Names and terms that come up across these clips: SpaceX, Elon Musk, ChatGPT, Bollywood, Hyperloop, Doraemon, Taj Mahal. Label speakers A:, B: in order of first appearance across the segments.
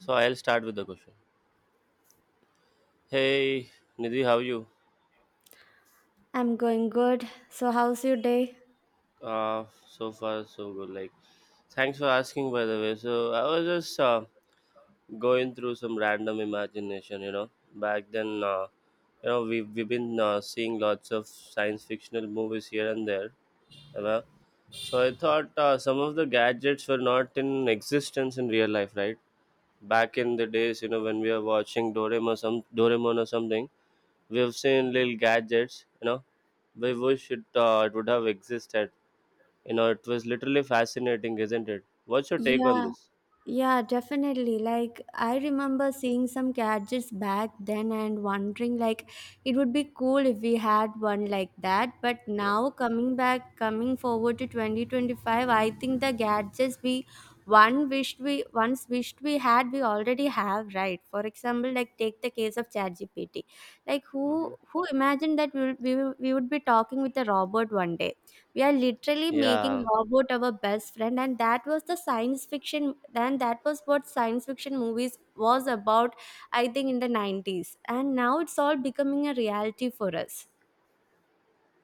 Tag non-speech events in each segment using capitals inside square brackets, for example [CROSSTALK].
A: So I'll start with the question. Hey, Nidhi, how are you?
B: I'm going good. So, how's your day?
A: So far, so good. Like, thanks for asking, by the way. So I was just going through some random imagination. Back then, we've been seeing lots of science fictional movies here and there. You know? So I thought some of the gadgets were not in existence in real life, right? Back in the days, you know, when we were watching Doraemon, or some Doraemon or something. We've seen little gadgets. We wish it would have existed. You know, it was literally fascinating, isn't it? What's your take on
B: Yeah,
A: this?
B: yeah, definitely. Like, I remember seeing some gadgets back then and wondering, like, it would be cool if we had one like that. But
A: Yeah.
B: now, coming forward to 2025, I think the gadgets we one wished we once wished we had, we already have, right? For example, like, take the case of ChatGPT. Like, who
A: Hmm.
B: who imagined that we would be talking with a robot one day? We are literally making
A: Yeah.
B: robot our best friend, and that was the science fiction then. That was what science fiction movies was about. I think in the 90s, and now it's all becoming a reality for us.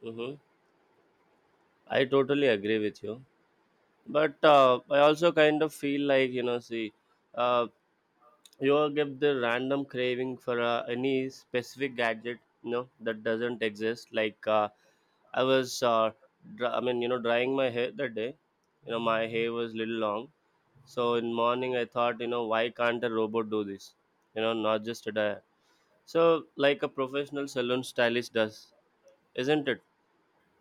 A: Hmm. I totally agree with you. But I also kind of feel like, you know, see, uh, you will get the random craving for any specific gadget you know that doesn't exist like I was dry, I mean you know drying my hair that day, you know my hair was little long. So in morning I thought, you know, why can't a robot do this? You know, not just a dyer, so like a professional salon stylist does, isn't it?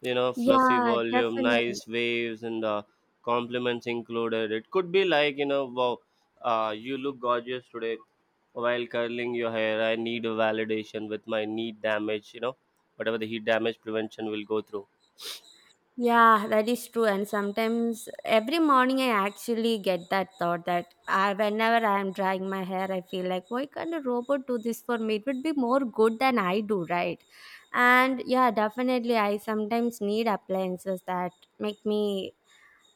A: You know, fluffy
B: Yeah,
A: volume,
B: definitely.
A: nice waves, and compliments included. It could be like, you know, wow, you look gorgeous today while curling your hair. I need a validation with my knee damage, you know, whatever the heat damage prevention will go through.
B: Yeah, that is true. And sometimes every morning I actually get that thought that I, whenever I am drying my hair, I feel like, why can't a robot do this for me? It would be more good than I do, right? And yeah, definitely, I sometimes need appliances that make me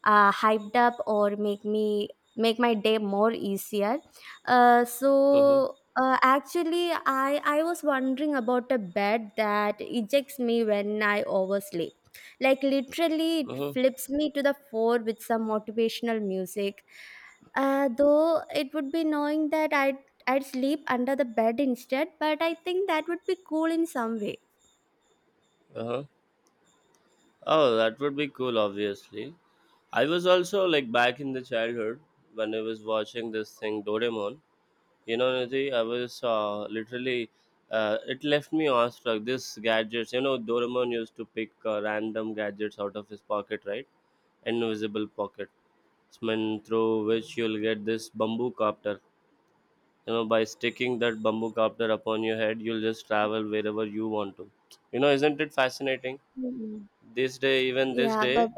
B: hyped up, or make me make my day more easier. uh,
A: Mm-hmm.
B: so uh, actually I was wondering about a bed that ejects me when I oversleep. Like, literally, it
A: Mm-hmm.
B: flips me to the floor with some motivational music. Though it would be knowing that I'd sleep under the bed instead, but I think that would be cool in some way.
A: Uh-huh. Oh, that would be cool, obviously. I was also like back in the childhood when I was watching this thing Doraemon. You know, Nidhi, I was literally, it left me awestruck. This gadgets, you know, Doraemon used to pick random gadgets out of his pocket, right? Invisible pocket. Smell through which you'll get this bamboo copter. You know, by sticking that bamboo copter upon your head, you'll just travel wherever you want to. You know, isn't it fascinating?
B: Mm.
A: This day, even this
B: Yeah, but
A: day,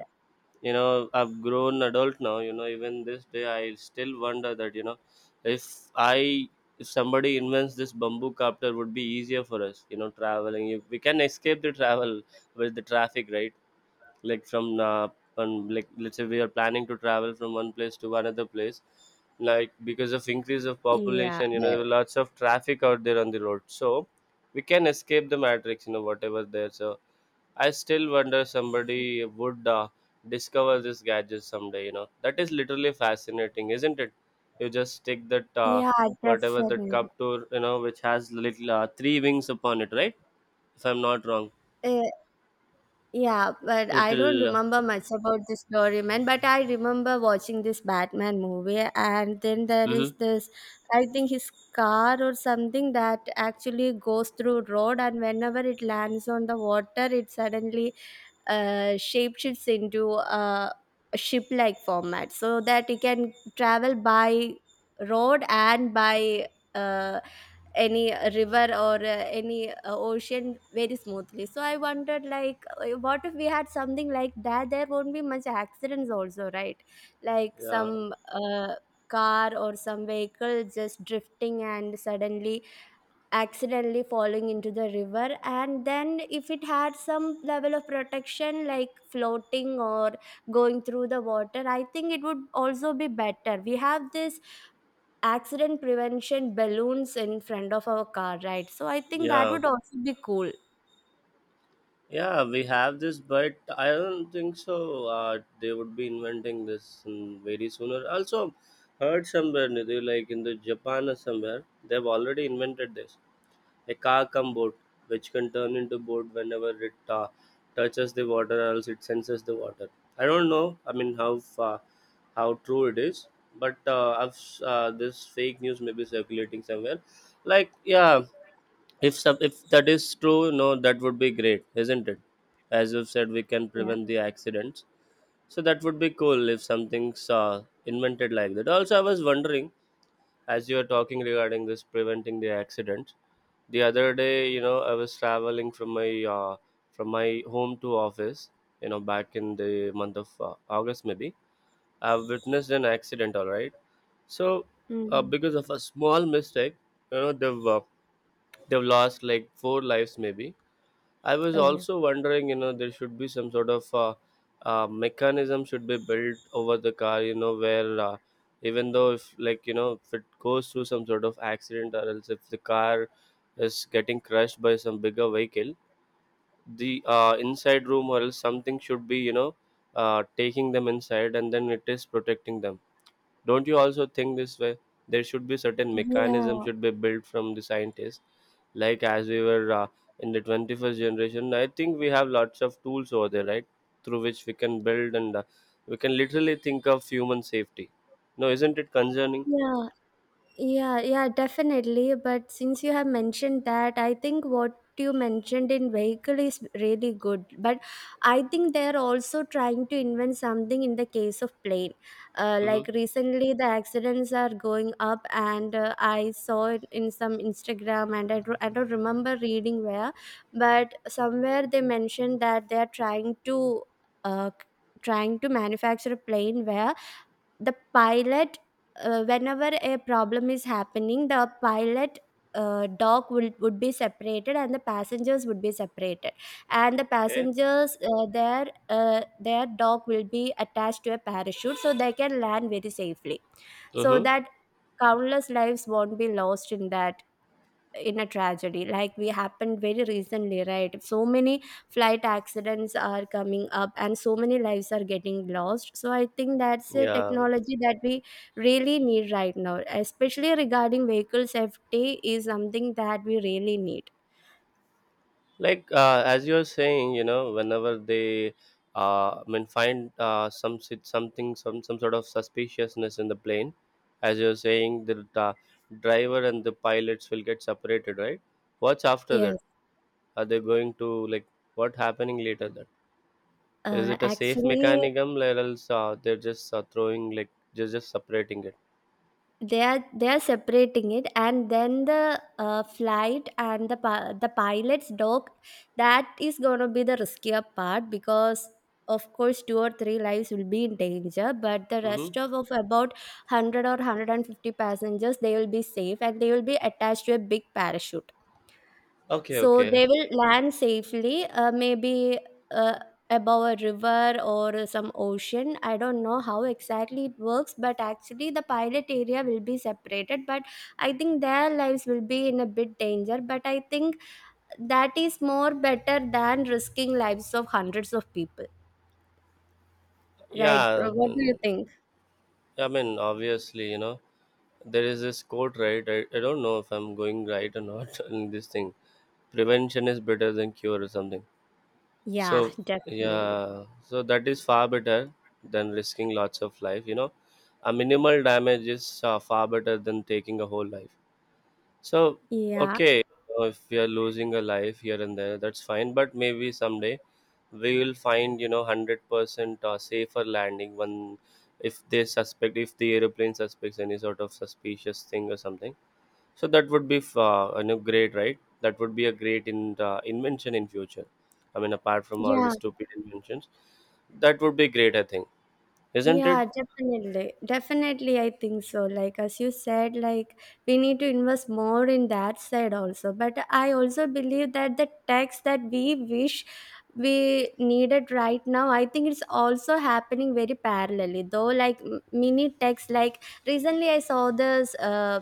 A: you know, I've grown adult now, you know, even this day I still wonder that, you know, if i if somebody invents this bamboo copter, would be easier for us, you know, traveling, you, we can escape the travel with the traffic, right? Like from like let's say we are planning to travel from one place to another place, like because of increase of
B: yeah,
A: population, you know,
B: but
A: there were lots of traffic out there on the road. So we can escape the matrix, you know, whatever there. So I still wonder somebody would discover this gadget someday. You know, that is literally fascinating, isn't it? You just stick that
B: yeah,
A: whatever that
B: definitely.
A: cup to, you know, which has little three wings upon it, right? If I'm not wrong,
B: Yeah. Yeah, but I don't
A: it'll.
B: remember much about this Doraemon, but I remember watching this Batman movie, and then there is
A: Mm-hmm.
B: this, I think, his car or something that actually goes through road, and whenever it lands on the water, it suddenly shapeshifts into a ship-like format so that it can travel by road and by uh, any river or any ocean very smoothly. So I wondered, like, what if we had something like that? There won't be much accidents also, right? Like,
A: Yeah,
B: some car or some vehicle just drifting and suddenly accidentally falling into the river, and then if it had some level of protection like floating or going through the water, I think it would also be better. We have this accident prevention balloons in front of our car, right? So I think that
A: yeah,
B: would also be cool.
A: yeah, we have this, but I don't think so. They would be inventing this very sooner. Also, heard somewhere, Nidhi, like in the Japan or somewhere, they've already invented this. A car cum boat, which can turn into boat whenever it touches the water or else it senses the water. I don't know. I mean, how far, how true it is, but this fake news may be circulating somewhere. Like, yeah, if that is true, no, that would be great, isn't it? As you've said, we can
B: Yeah.
A: prevent the accidents. So that would be cool if something's invented like that. Also, I was wondering, as you were talking regarding this preventing the accidents, the other day, you know, I was traveling uh, from my home to office, you know, back in the month of august maybe. I've witnessed an accident, all right? So
B: Mm.
A: because of a small mistake, you know, they've lost like four lives maybe. I was
B: Oh.
A: also wondering, you know, there should be some sort of mechanism should be built over the car, you know, where even though if, like, you know, if it goes through some sort of accident or else if the car is getting crushed by some bigger vehicle, the inside room or else something should be, you know, taking them inside and then it is protecting them. Don't you also think this way? There should be certain mechanism
B: Yeah,
A: should be built from the scientists, like as we were in the 21st generation. I think we have lots of tools over there, right? Through which we can build and we can literally think of human safety. No, isn't it concerning?
B: yeah. Yeah, yeah, definitely. But since you have mentioned that, I think what you mentioned in vehicle is really good. But I think they're also trying to invent something in the case of plane. Like,
A: Mm-hmm.
B: recently, the accidents are going up, and I saw it in some Instagram, and I don't remember reading where, but somewhere they mentioned that they're trying to. Uh, Trying to manufacture a plane where the pilot whenever a problem is happening, the pilot dock would be separated, and the passengers would be separated, and the
A: Okay.
B: passengers, their dock will be attached to a parachute, so they can land very safely, so
A: Mm-hmm.
B: that countless lives won't be lost in that, in a tragedy like we happened very recently, right? So many flight accidents are coming up and so many lives are getting lost, so I think that's a
A: Yeah.
B: technology that we really need right now. Especially regarding vehicle safety is something that we really need.
A: Like as you're saying, you know, whenever they find something, some sort of suspiciousness in the plane, as you're saying, the driver and the pilots will get separated, right? What's after
B: Yes.
A: that? Are they going to, like, what happening later? That, is
B: uh,
A: it a safe
B: actually
A: mechanism or else they're just throwing, like, just separating it.
B: they are separating it, and then the flight and the pilot's dog, that is going to be the riskier part, because of course two or three lives will be in danger, but the
A: Mm-hmm.
B: rest of about 100 or 150 passengers, they will be safe and they will be attached to a big parachute,
A: Okay,
B: so
A: okay.
B: they will land safely, maybe uh, above a river or some ocean. I don't know how exactly it works, but actually the pilot area will be separated. But I think their lives will be in a bit danger. But I think that is more better than risking lives of hundreds of people, right?
A: Yeah.
B: What do you
A: mm,
B: think?
A: I mean, obviously, you know, there is this quote, right? I don't know if I'm going right or not [LAUGHS] in this thing. Prevention is better than cure or something.
B: Yeah,
A: So
B: definitely.
A: yeah, so that is far better than risking lots of life, you know. A minimal damage is far better than taking a whole life. So
B: Yeah,
A: okay, if we are losing a life here and there, that's fine, but maybe someday we will find, you know, 100% safer landing when, if they suspect, if the aeroplane suspects any sort of suspicious thing or something. So that would be you know, great, right? That would be a great invention in future. I mean, apart from all the
B: yeah.
A: stupid inventions, that would be great. I think, isn't it?
B: Yeah, definitely. Definitely, I think so. Like, as you said, like, we need to invest more in that side also. But I also believe that the tax that we needed right now, I think it's also happening very parallelly, though. Like, mini tax. Like, recently I saw this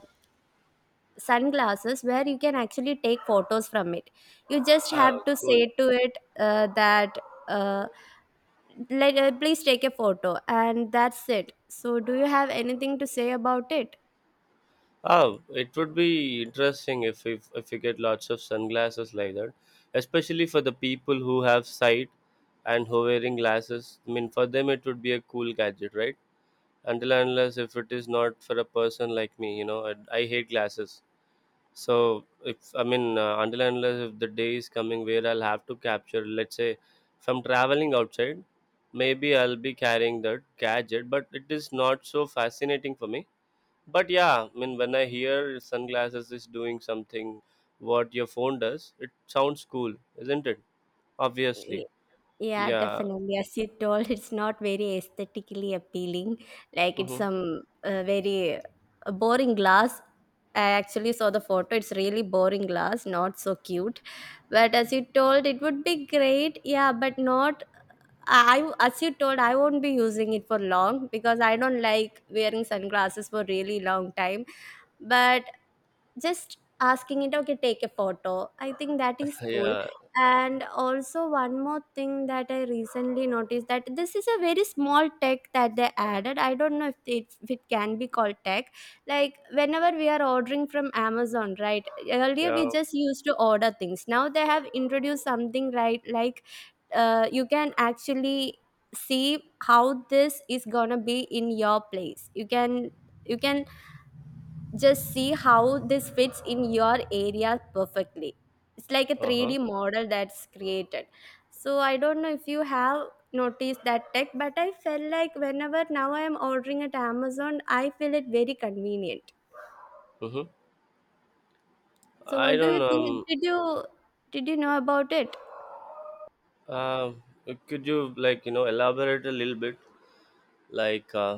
B: sunglasses where you can actually take photos from it. You just have
A: Oh,
B: to
A: cool.
B: say to it that. Uh, Please take a photo, and that's it. So do you have anything to say about it?
A: Oh, it would be interesting if you get lots of sunglasses like that, especially for the people who have sight and who wearing glasses. I mean, for them it would be a cool gadget, right? Until and unless if it is not for a person like me, you know, I hate glasses. So if I mean until and unless if the day is coming where I'll have to capture, let's say, if I'm traveling outside, maybe I'll be carrying that gadget. But it is not so fascinating for me. But yeah, I mean when I hear sunglasses is doing something, what your phone does, it sounds cool, isn't it?
B: Y-
A: Obviously,
B: yeah,
A: yeah.
B: definitely. As you told, it's not very aesthetically appealing. Like, it's
A: Hmm.
B: some very boring glass. I actually saw the photo, it's really boring glass, not so cute. But as you told, it would be great. Yeah, but not, I as you told, I won't be using it for long because I don't like wearing sunglasses for really long time. But just asking it, okay, take a photo, I think that is
A: [LAUGHS]
B: cool.
A: Yeah.
B: And also one more thing that I recently noticed, that this is a very small tech that they added. I don't know if it can be called tech. Like, whenever we are ordering from Amazon, right? Earlier we
A: Yeah.
B: just used to order things. Now they have introduced something, right? Like, you can actually see how this is gonna be in your place. You can just see how this fits in your area perfectly. It's like a
A: uh huh,
B: 3D model that's created. So I don't know if you have noticed that tech, but I felt like whenever now I am ordering at Amazon, I feel it very convenient.
A: hmm.
B: So
A: I
B: what do you
A: don't
B: think?
A: know.
B: Did you know about it?
A: Could you, like, you know, elaborate a little bit, like?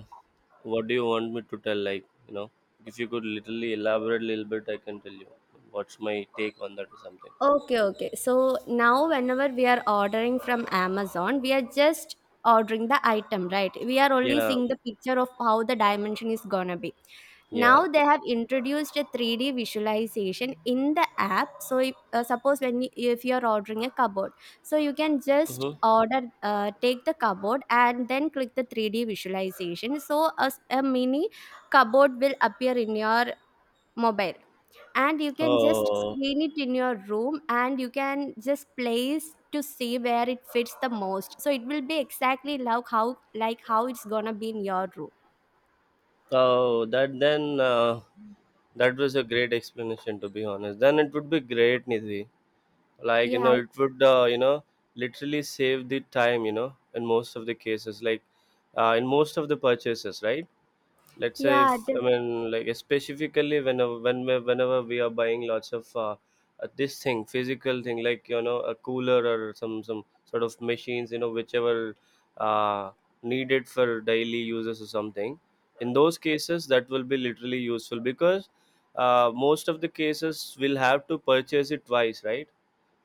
A: What do you want me to tell? Like, you know, if you could literally elaborate a little bit, I can tell you what's my take on that or something.
B: Okay, okay. So now, whenever we are ordering from Amazon, we are just ordering the item, right? We are only
A: Yeah,
B: seeing the picture of how the dimension is gonna be.
A: yeah.
B: Now they have introduced a 3D visualization in the app. So if, suppose if you are ordering a cupboard, so you can just
A: Hmm.
B: order, take the cupboard and then click the 3D visualization. So a mini cupboard will appear in your mobile, and you can just
A: Oh,
B: screen it in your room and you can just place to see where it fits the most. So it will be exactly like how it's gonna be in your room.
A: oh, that then that was a great explanation, to be honest. Then it would be great, Nidhi. Like you
B: Yeah.
A: know, it would literally save the time. You know, in most of the cases, like in most of the purchases, right? Let's say
B: yeah
A: if I
B: def-
A: mean, like specifically whenever we are buying lots of this thing physical thing, like you know, a cooler or some sort of machines, you know, whichever uh, needed for daily uses or something. In those cases that will be literally useful because most of the cases will have to purchase it twice, right?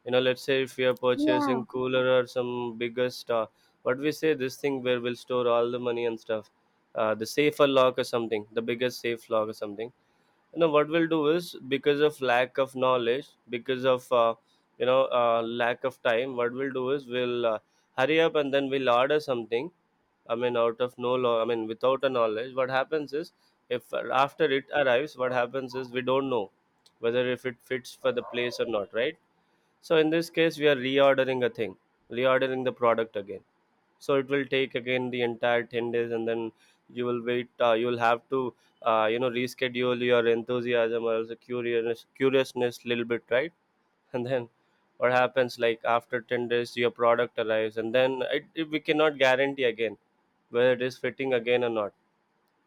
A: You know, let's say if we are
B: yeah,
A: purchasing cooler or some bigger stuff, what we say this thing where we'll store all the money and stuff, the safer lock or something, the biggest safe lock or something, you know what we'll do is, because of lack of knowledge, because of lack of time, what we'll do is we'll hurry up and then we'll order something. I mean out of no law, I mean without a knowledge, what happens is, if after it arrives, what happens is, we don't know whether if it fits for the place or not, right? So in this case, we are reordering a thing, reordering the product again. So it will take again the entire 10 days, and then you will wait. You will have to, you know, reschedule your enthusiasm or the curious curiousness little bit, right? [LAUGHS] And then what happens? Like after 10 days, your product arrives, and then we cannot guarantee again whether it is fitting again or not.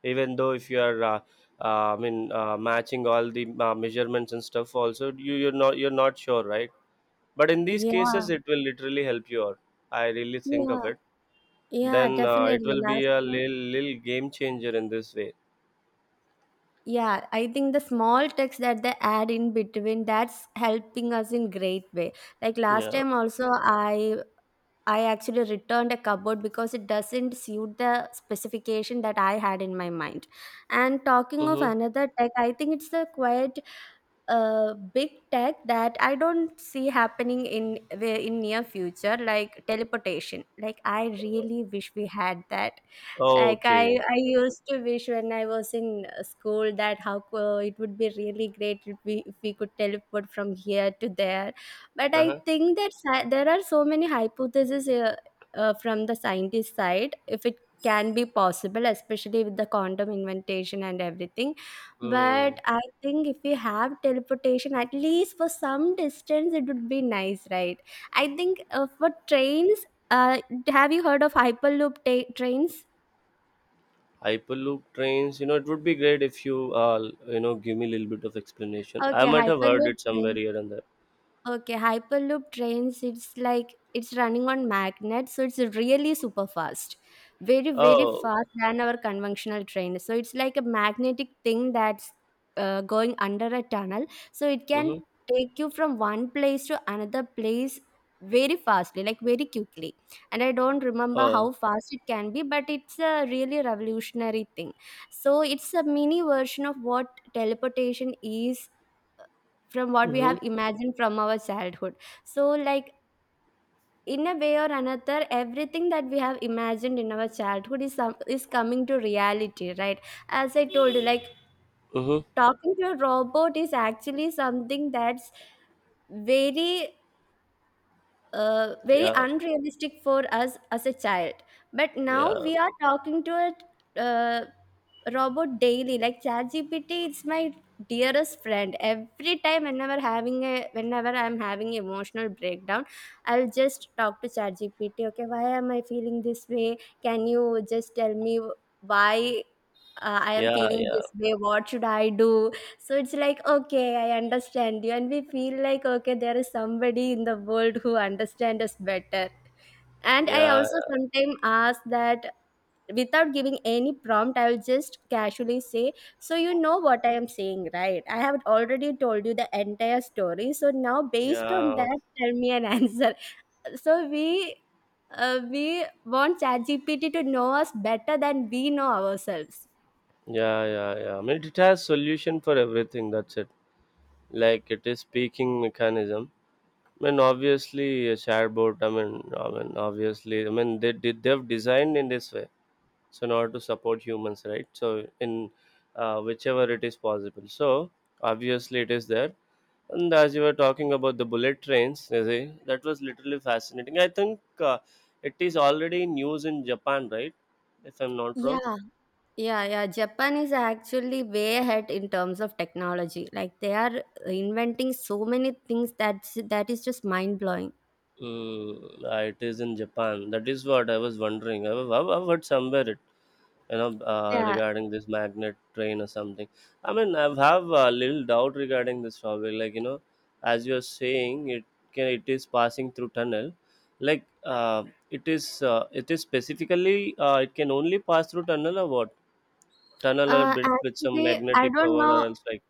A: Even though if you are, I mean, matching all the measurements and stuff, also you're not you're not sure, right? But in these
B: yeah.
A: cases, it will literally help you out. I really think
B: Yeah,
A: of it.
B: yeah,
A: Then it
B: definitely.
A: will be a little, little game changer in this way.
B: Yeah, I think the small text that they add in between, that's helping us in great way. Like, last
A: Yeah.
B: time also, I actually returned a cupboard because it doesn't suit the specification that I had in my mind. And talking of
A: Mm-hmm.
B: another tech, I think it's a quite big tech that I don't see happening in the in near future, like teleportation. Like, I really wish we had that. Like,
A: Okay.
B: I used to wish when I was in school that it would be really great if if we could teleport from here to there. But I
A: Uh-huh.
B: think that there are so many hypotheses from the scientist side, if it can be possible, especially with the quantum inventation and everything. But
A: Mm.
B: I think if we have teleportation, at least for some distance, it would be nice, right? I think for trains, uh, have you heard of trains?
A: Hyperloop trains, it would be great if you you know give me a little bit of explanation. I
B: Okay,
A: might have heard
B: Hyperloop
A: it somewhere
B: train.
A: here and there.
B: Okay, Hyperloop trains, it's like it's running on magnet, so it's really super fast. Very, very
A: Oh.
B: fast than our conventional train. So it's like a magnetic thing that's going under a tunnel. So it
A: Mm-hmm.
B: can take you from one place to another place very fastly, like very quickly. And I don't remember
A: Oh.
B: how fast it can be, but it's a really revolutionary thing. So it's a mini version of what teleportation is from what we
A: Mm-hmm.
B: have imagined from our childhood. So, like, in a way or another, everything that we have imagined in our childhood is is coming to reality, right? As I told you, like,
A: Mm-hmm.
B: talking to a robot is actually something that's very very
A: Yeah,
B: unrealistic for us as a child. But now
A: yeah,
B: we are talking to a robot daily, like ChatGPT. It's my dearest friend. Every time, whenever I'm having emotional breakdown, I'll just talk to ChatGPT. Okay, why am I feeling this way? Can you just tell me why I am
A: yeah,
B: feeling
A: yeah,
B: this way? What should I do? So it's like, okay, I understand you. And we feel like, okay, there is somebody in the world who understands us better. And I
A: yeah,
B: also sometimes ask that, without giving any prompt, I will just casually say, so you know what I am saying, right? I have already told you the entire story. So now, based on
A: yeah,
B: that, tell me an [LAUGHS] answer. So we. We want ChatGPT to know us better than we know ourselves.
A: yeah, yeah, yeah, I mean, it has solution for everything, that's it. Like, it is speaking mechanism. I mean, obviously a chatbot. I mean, obviously, I mean, they've designed in this way. So, in order to support humans, right? So in, whichever it is possible. So obviously, it is there. And as you were talking about the bullet trains, you see, that was literally fascinating. I think, it is already in use in Japan, right? If I'm not wrong.
B: Yeah. Yeah, yeah, Japan is actually way ahead in terms of technology. Like they are inventing so many things that is just mind blowing.
A: Mm, ah, it is in Japan. That is what I was wondering. I've heard somewhere,
B: Yeah.
A: regarding this magnet train or something. I mean, I have a little doubt regarding this topic, like, as you're saying it, can it is passing through tunnel, like, uh, it is specifically, it can only pass through tunnel or what, tunnel or bit with some
B: Actually, I
A: magnetic
B: don't
A: power, or
B: know.
A: else, like.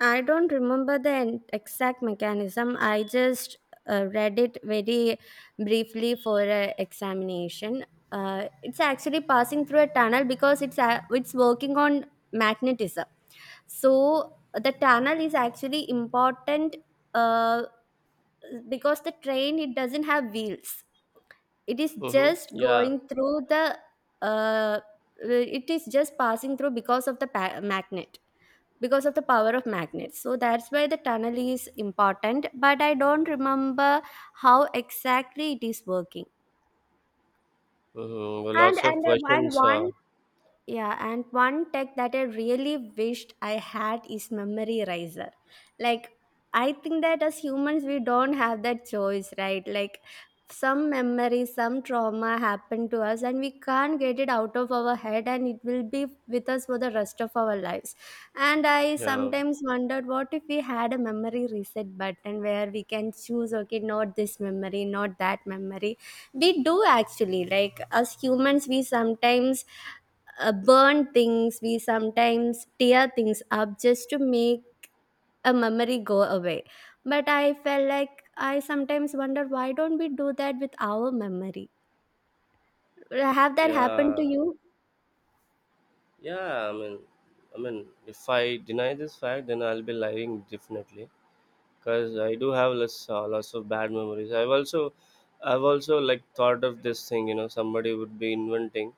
B: I don't remember the exact mechanism. I just read it very briefly for a examination. It's actually passing through a tunnel because it's working on magnetism. So the tunnel is actually important uh, because the train it doesn't have wheels. It is
A: Mm-hmm.
B: just
A: Yeah.
B: going through the. Uh, it is just passing through because of the magnet, because of the power of magnets, so that's why the tunnel is important, but I don't remember how exactly it is working.
A: Mm-hmm.
B: and
A: Lots of
B: and, and
A: questions,
B: one Yeah, and one tech that I really wished I had is memory riser. Like, I think that as humans we don't have that choice, right? Like, some memory, some trauma happened to us and we can't get it out of our head, and it will be with us for the rest of our lives. And I
A: yeah,
B: sometimes wondered, what if we had a memory reset button where we can choose, okay, not this memory, not that memory. We do actually, like as humans we sometimes burn things, we sometimes tear things up just to make a memory go away. But I felt like, I sometimes wonder, why don't we do that with our memory? Have that happened to
A: yeah,
B: you?
A: yeah, I mean, if I deny this fact, then I'll be lying, definitely. Because I do have less lots of bad memories. I've also like thought of this thing. Somebody would be inventing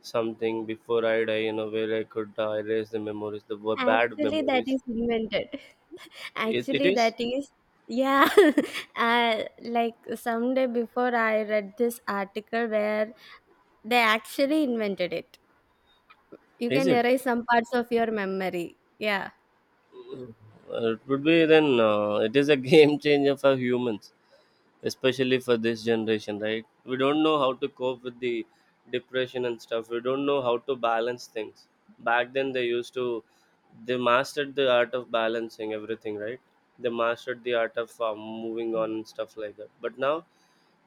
A: something before I die. Where I could erase the memories, the bad
B: Actually that
A: memories.
B: is invented. [LAUGHS]
A: It
B: actually
A: is.
B: that is Yeah. [LAUGHS] uh, like someday before I read this article where they actually invented it. You
A: Is
B: can
A: it?
B: erase some parts of your memory. Yeah,
A: Uh, it would be then. It is a [LAUGHS] game changer for humans. Especially for this generation, right? We don't know how to cope with the depression and stuff. We don't know how to balance things. Back then, they used to they mastered the art of balancing everything, right? They mastered the art of moving on and stuff like that, but now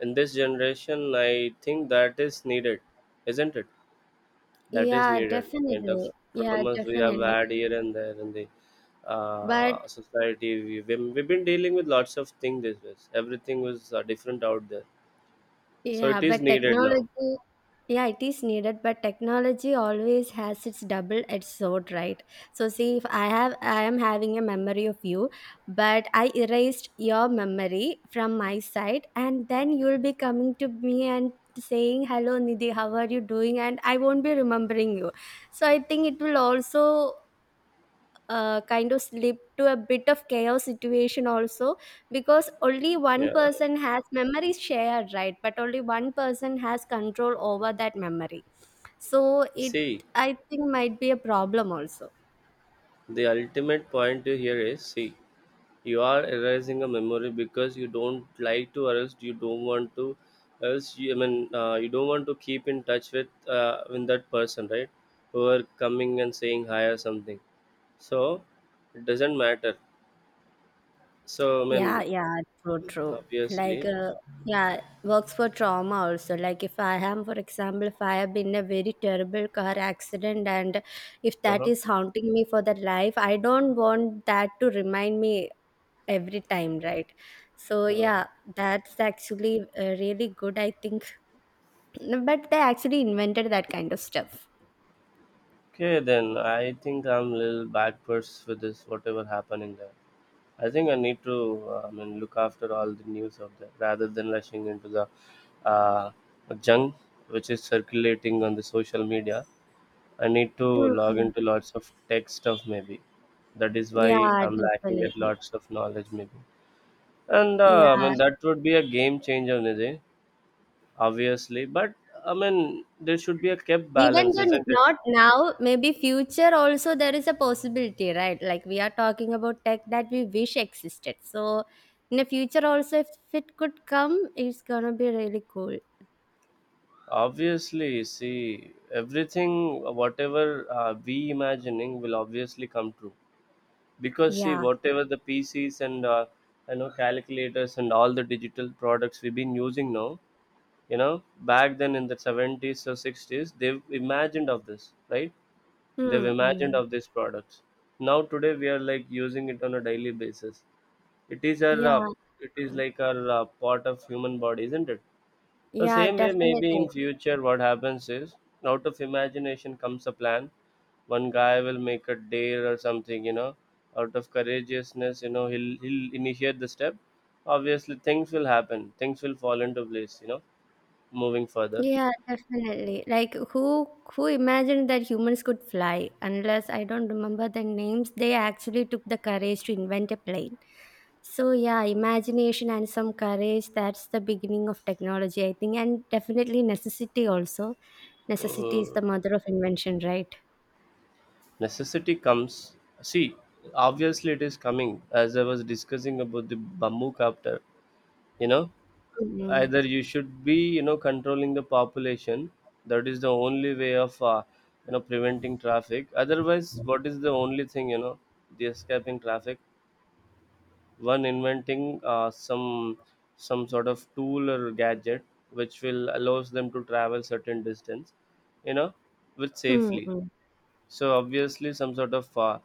A: in this generation, I think that is needed, isn't it? That is
B: yeah,
A: needed, kind of.
B: definitely, yeah,
A: Traumas we have
B: definitely.
A: had here and there in the
B: But
A: society, we've been dealing with lots of things this way. Everything was different out there, so
B: Yeah,
A: it is
B: but
A: needed now.
B: technology, yeah, it is needed, but technology always has its double-edged sword, right? So see, if I have, I am having a memory of you, but I erased your memory from my side, and then you'll be coming to me and saying, "Hello, Nidhi, how are you doing?" And I won't be remembering you. So I think it will also kind of slip to a bit of chaos situation also, because only one
A: Yeah.
B: person has memories shared, right? But only one person has control over that memory. So it,
A: See,
B: I think, might be a problem also.
A: the ultimate point here is, see, you are erasing a memory because you don't like to, or else you don't want to, else you, I mean, you don't want to keep in touch with, with that person, right? Who are coming and saying hi or something. So it doesn't matter. So I
B: Yeah,
A: mean,
B: yeah, true, true. Like,
A: obviously.
B: yeah, works for trauma also. Like, if I am, for example, if I have been in a very terrible car accident, and if that
A: Uh-huh.
B: is haunting me for the life, I don't want that to remind me every time, right? So,
A: Uh,
B: yeah, that's actually really good, I think. [CLEARS THROAT] But they actually invented that kind of stuff.
A: Okay, then I think I'm a little backwards with this, whatever happening there. I think I need to, I mean, look after all the news of that, rather than rushing into the uh, junk which is circulating on the social media. I need to log
B: Mhm.
A: into lots of tech stuff, maybe. That is why
B: Yeah,
A: I'm lacking
B: definitely.
A: at lots of knowledge, maybe. And
B: Yeah.
A: I mean, that would be a game changer, Nidhi, obviously. But I mean, there should be a kept
B: Even
A: balance,
B: though
A: isn't it?
B: not now, maybe future also there is a possibility, right? Like we are talking about tech that we wish existed. So in the future also, if it could come, it's gonna be really cool.
A: Obviously, see, everything, whatever we imagining will obviously come true. Because see,
B: Yeah.
A: whatever the PCs and calculators and all the digital products we've been using now, back then in the 70s or 60s, they've imagined of this, right? They've imagined
B: Mm-mm.
A: of these products. Now today we are like using it on a daily basis. It is our, uh,
B: Yeah.
A: it is like our part of human body, isn't it? The
B: Yeah.
A: same way, maybe
B: Definitely.
A: in future, what happens is, out of imagination comes a plan. One guy will make a dare or something, out of courageousness, he'll initiate the step. Obviously, things will happen. Things will fall into place, moving further.
B: Yeah, definitely. Like, who imagined that humans could fly? Unless, I don't remember the names, they actually took the courage to invent a plane. So yeah, imagination and some courage, that's the beginning of technology, I think, and definitely necessity also. Necessity is
A: Uh,
B: the mother of invention, right?
A: Necessity comes. See, obviously, it is coming. As I was discussing about the bamboo captor, you know,
B: Mm-hmm.
A: either you should be controlling the population. That is the only way of preventing traffic. Otherwise, what is the only thing? The escaping traffic. One inventing some sort of tool or gadget which will allows them to travel certain distance, you know with safely.
B: Mm-hmm.
A: So obviously, some sort of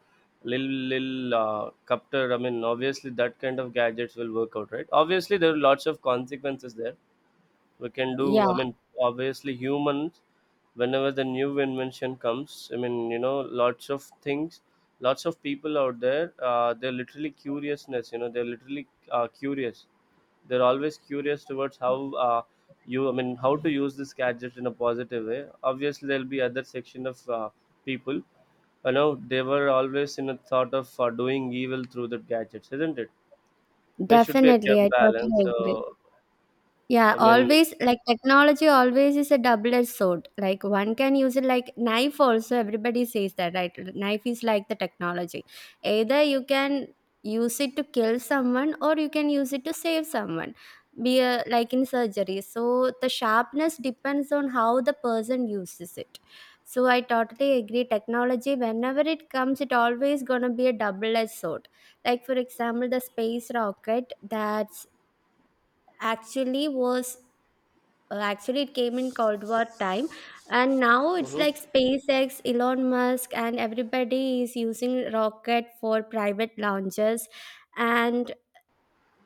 A: little copter, I mean, obviously that kind of gadgets will work out, right? Obviously, there are lots of consequences there, we can do,
B: Yeah,
A: I mean. Obviously, humans, whenever the new invention comes, I mean, lots of things, lots of people out there, they're literally curiousness, they're literally curious. They're always curious towards how uh, you I mean how to use this gadget in a positive way. Obviously, there'll be other section of people, they were always in a thought of doing evil through the gadgets, isn't it? There should be a
B: definitely.
A: kept
B: I
A: balance.
B: totally agree.
A: So,
B: Yeah,
A: I mean.
B: always, like technology always is a double-edged sword. Like one can use it like knife also. Everybody says that, right? Knife is like the technology. Either you can use it to kill someone or you can use it to save someone. Be a, like in surgery. So the sharpness depends on how the person uses it. So I totally agree. Technology, whenever it comes, it always gonna be a double-edged sword. Like for example, the space rocket that's actually was actually, it came in Cold War time, and now it's
A: Mhm.
B: like SpaceX, Elon Musk, and everybody is using rocket for private launches. And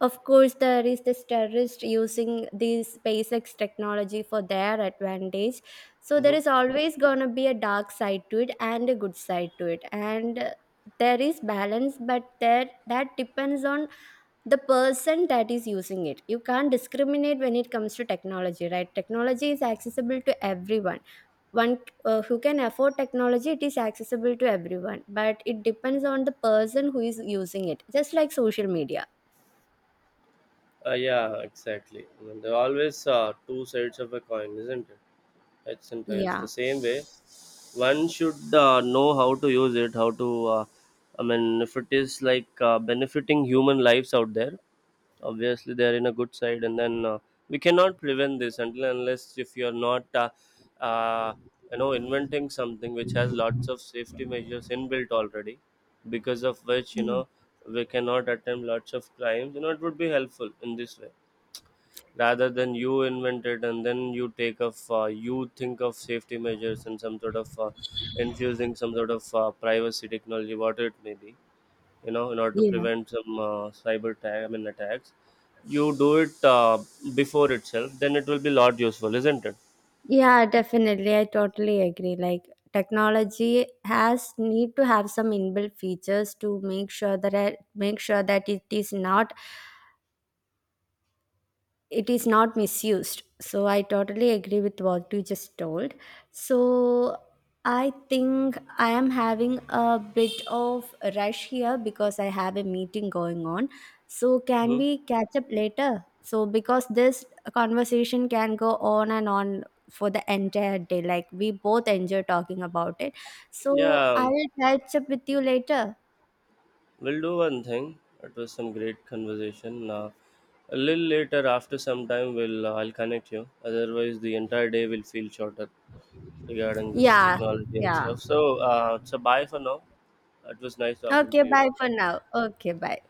B: of course, there is this terrorist using this SpaceX technology for their advantage. So there
A: Mhm.
B: is always gonna be a dark side to it and a good side to it, and there is balance, but there, that depends on the person that is using it. You can't discriminate when it comes to technology, right? Technology is accessible to everyone. One Who can afford technology, it is accessible to everyone, but it depends on the person who is using it, just like social media.
A: Yeah, exactly. I mean, there are always two sides of a coin, isn't it? Heads and tails.
B: Yeah.
A: The same way, one should know how to use it, how to, I mean, if it is like benefiting human lives out there, obviously they're in a good side, and then we cannot prevent this until and unless if you're not, uh, inventing something which has lots of safety measures inbuilt already, because of which, we cannot attempt lots of crimes, it would be helpful in this way rather than you invent it and then you think of safety measures and some sort of infusing some sort of privacy technology, whatever it may be, in order to
B: Yeah.
A: prevent some cyber attack, I mean, attacks. You do it, before itself, then it will be lot useful, isn't it?
B: Yeah, definitely. I totally agree. Like, technology has need to have some inbuilt features to make sure that make sure that it is not misused. So I totally agree with what you just told. So I think I am having a bit of a rush here because I have a meeting going on. So can
A: Hmm.
B: we catch up later? So because this conversation can go on and on for the entire day, like we both enjoy talking about it. So
A: Yeah,
B: I'll catch up with you later.
A: we'll do one thing. It was some great conversation. A little later after some time, we'll I'll connect you, otherwise the entire day will feel shorter regarding this
B: Yeah.
A: technology and
B: Yeah.
A: stuff. So bye for now. It was nice talking
B: Okay,
A: to you.
B: bye for now. Okay, bye.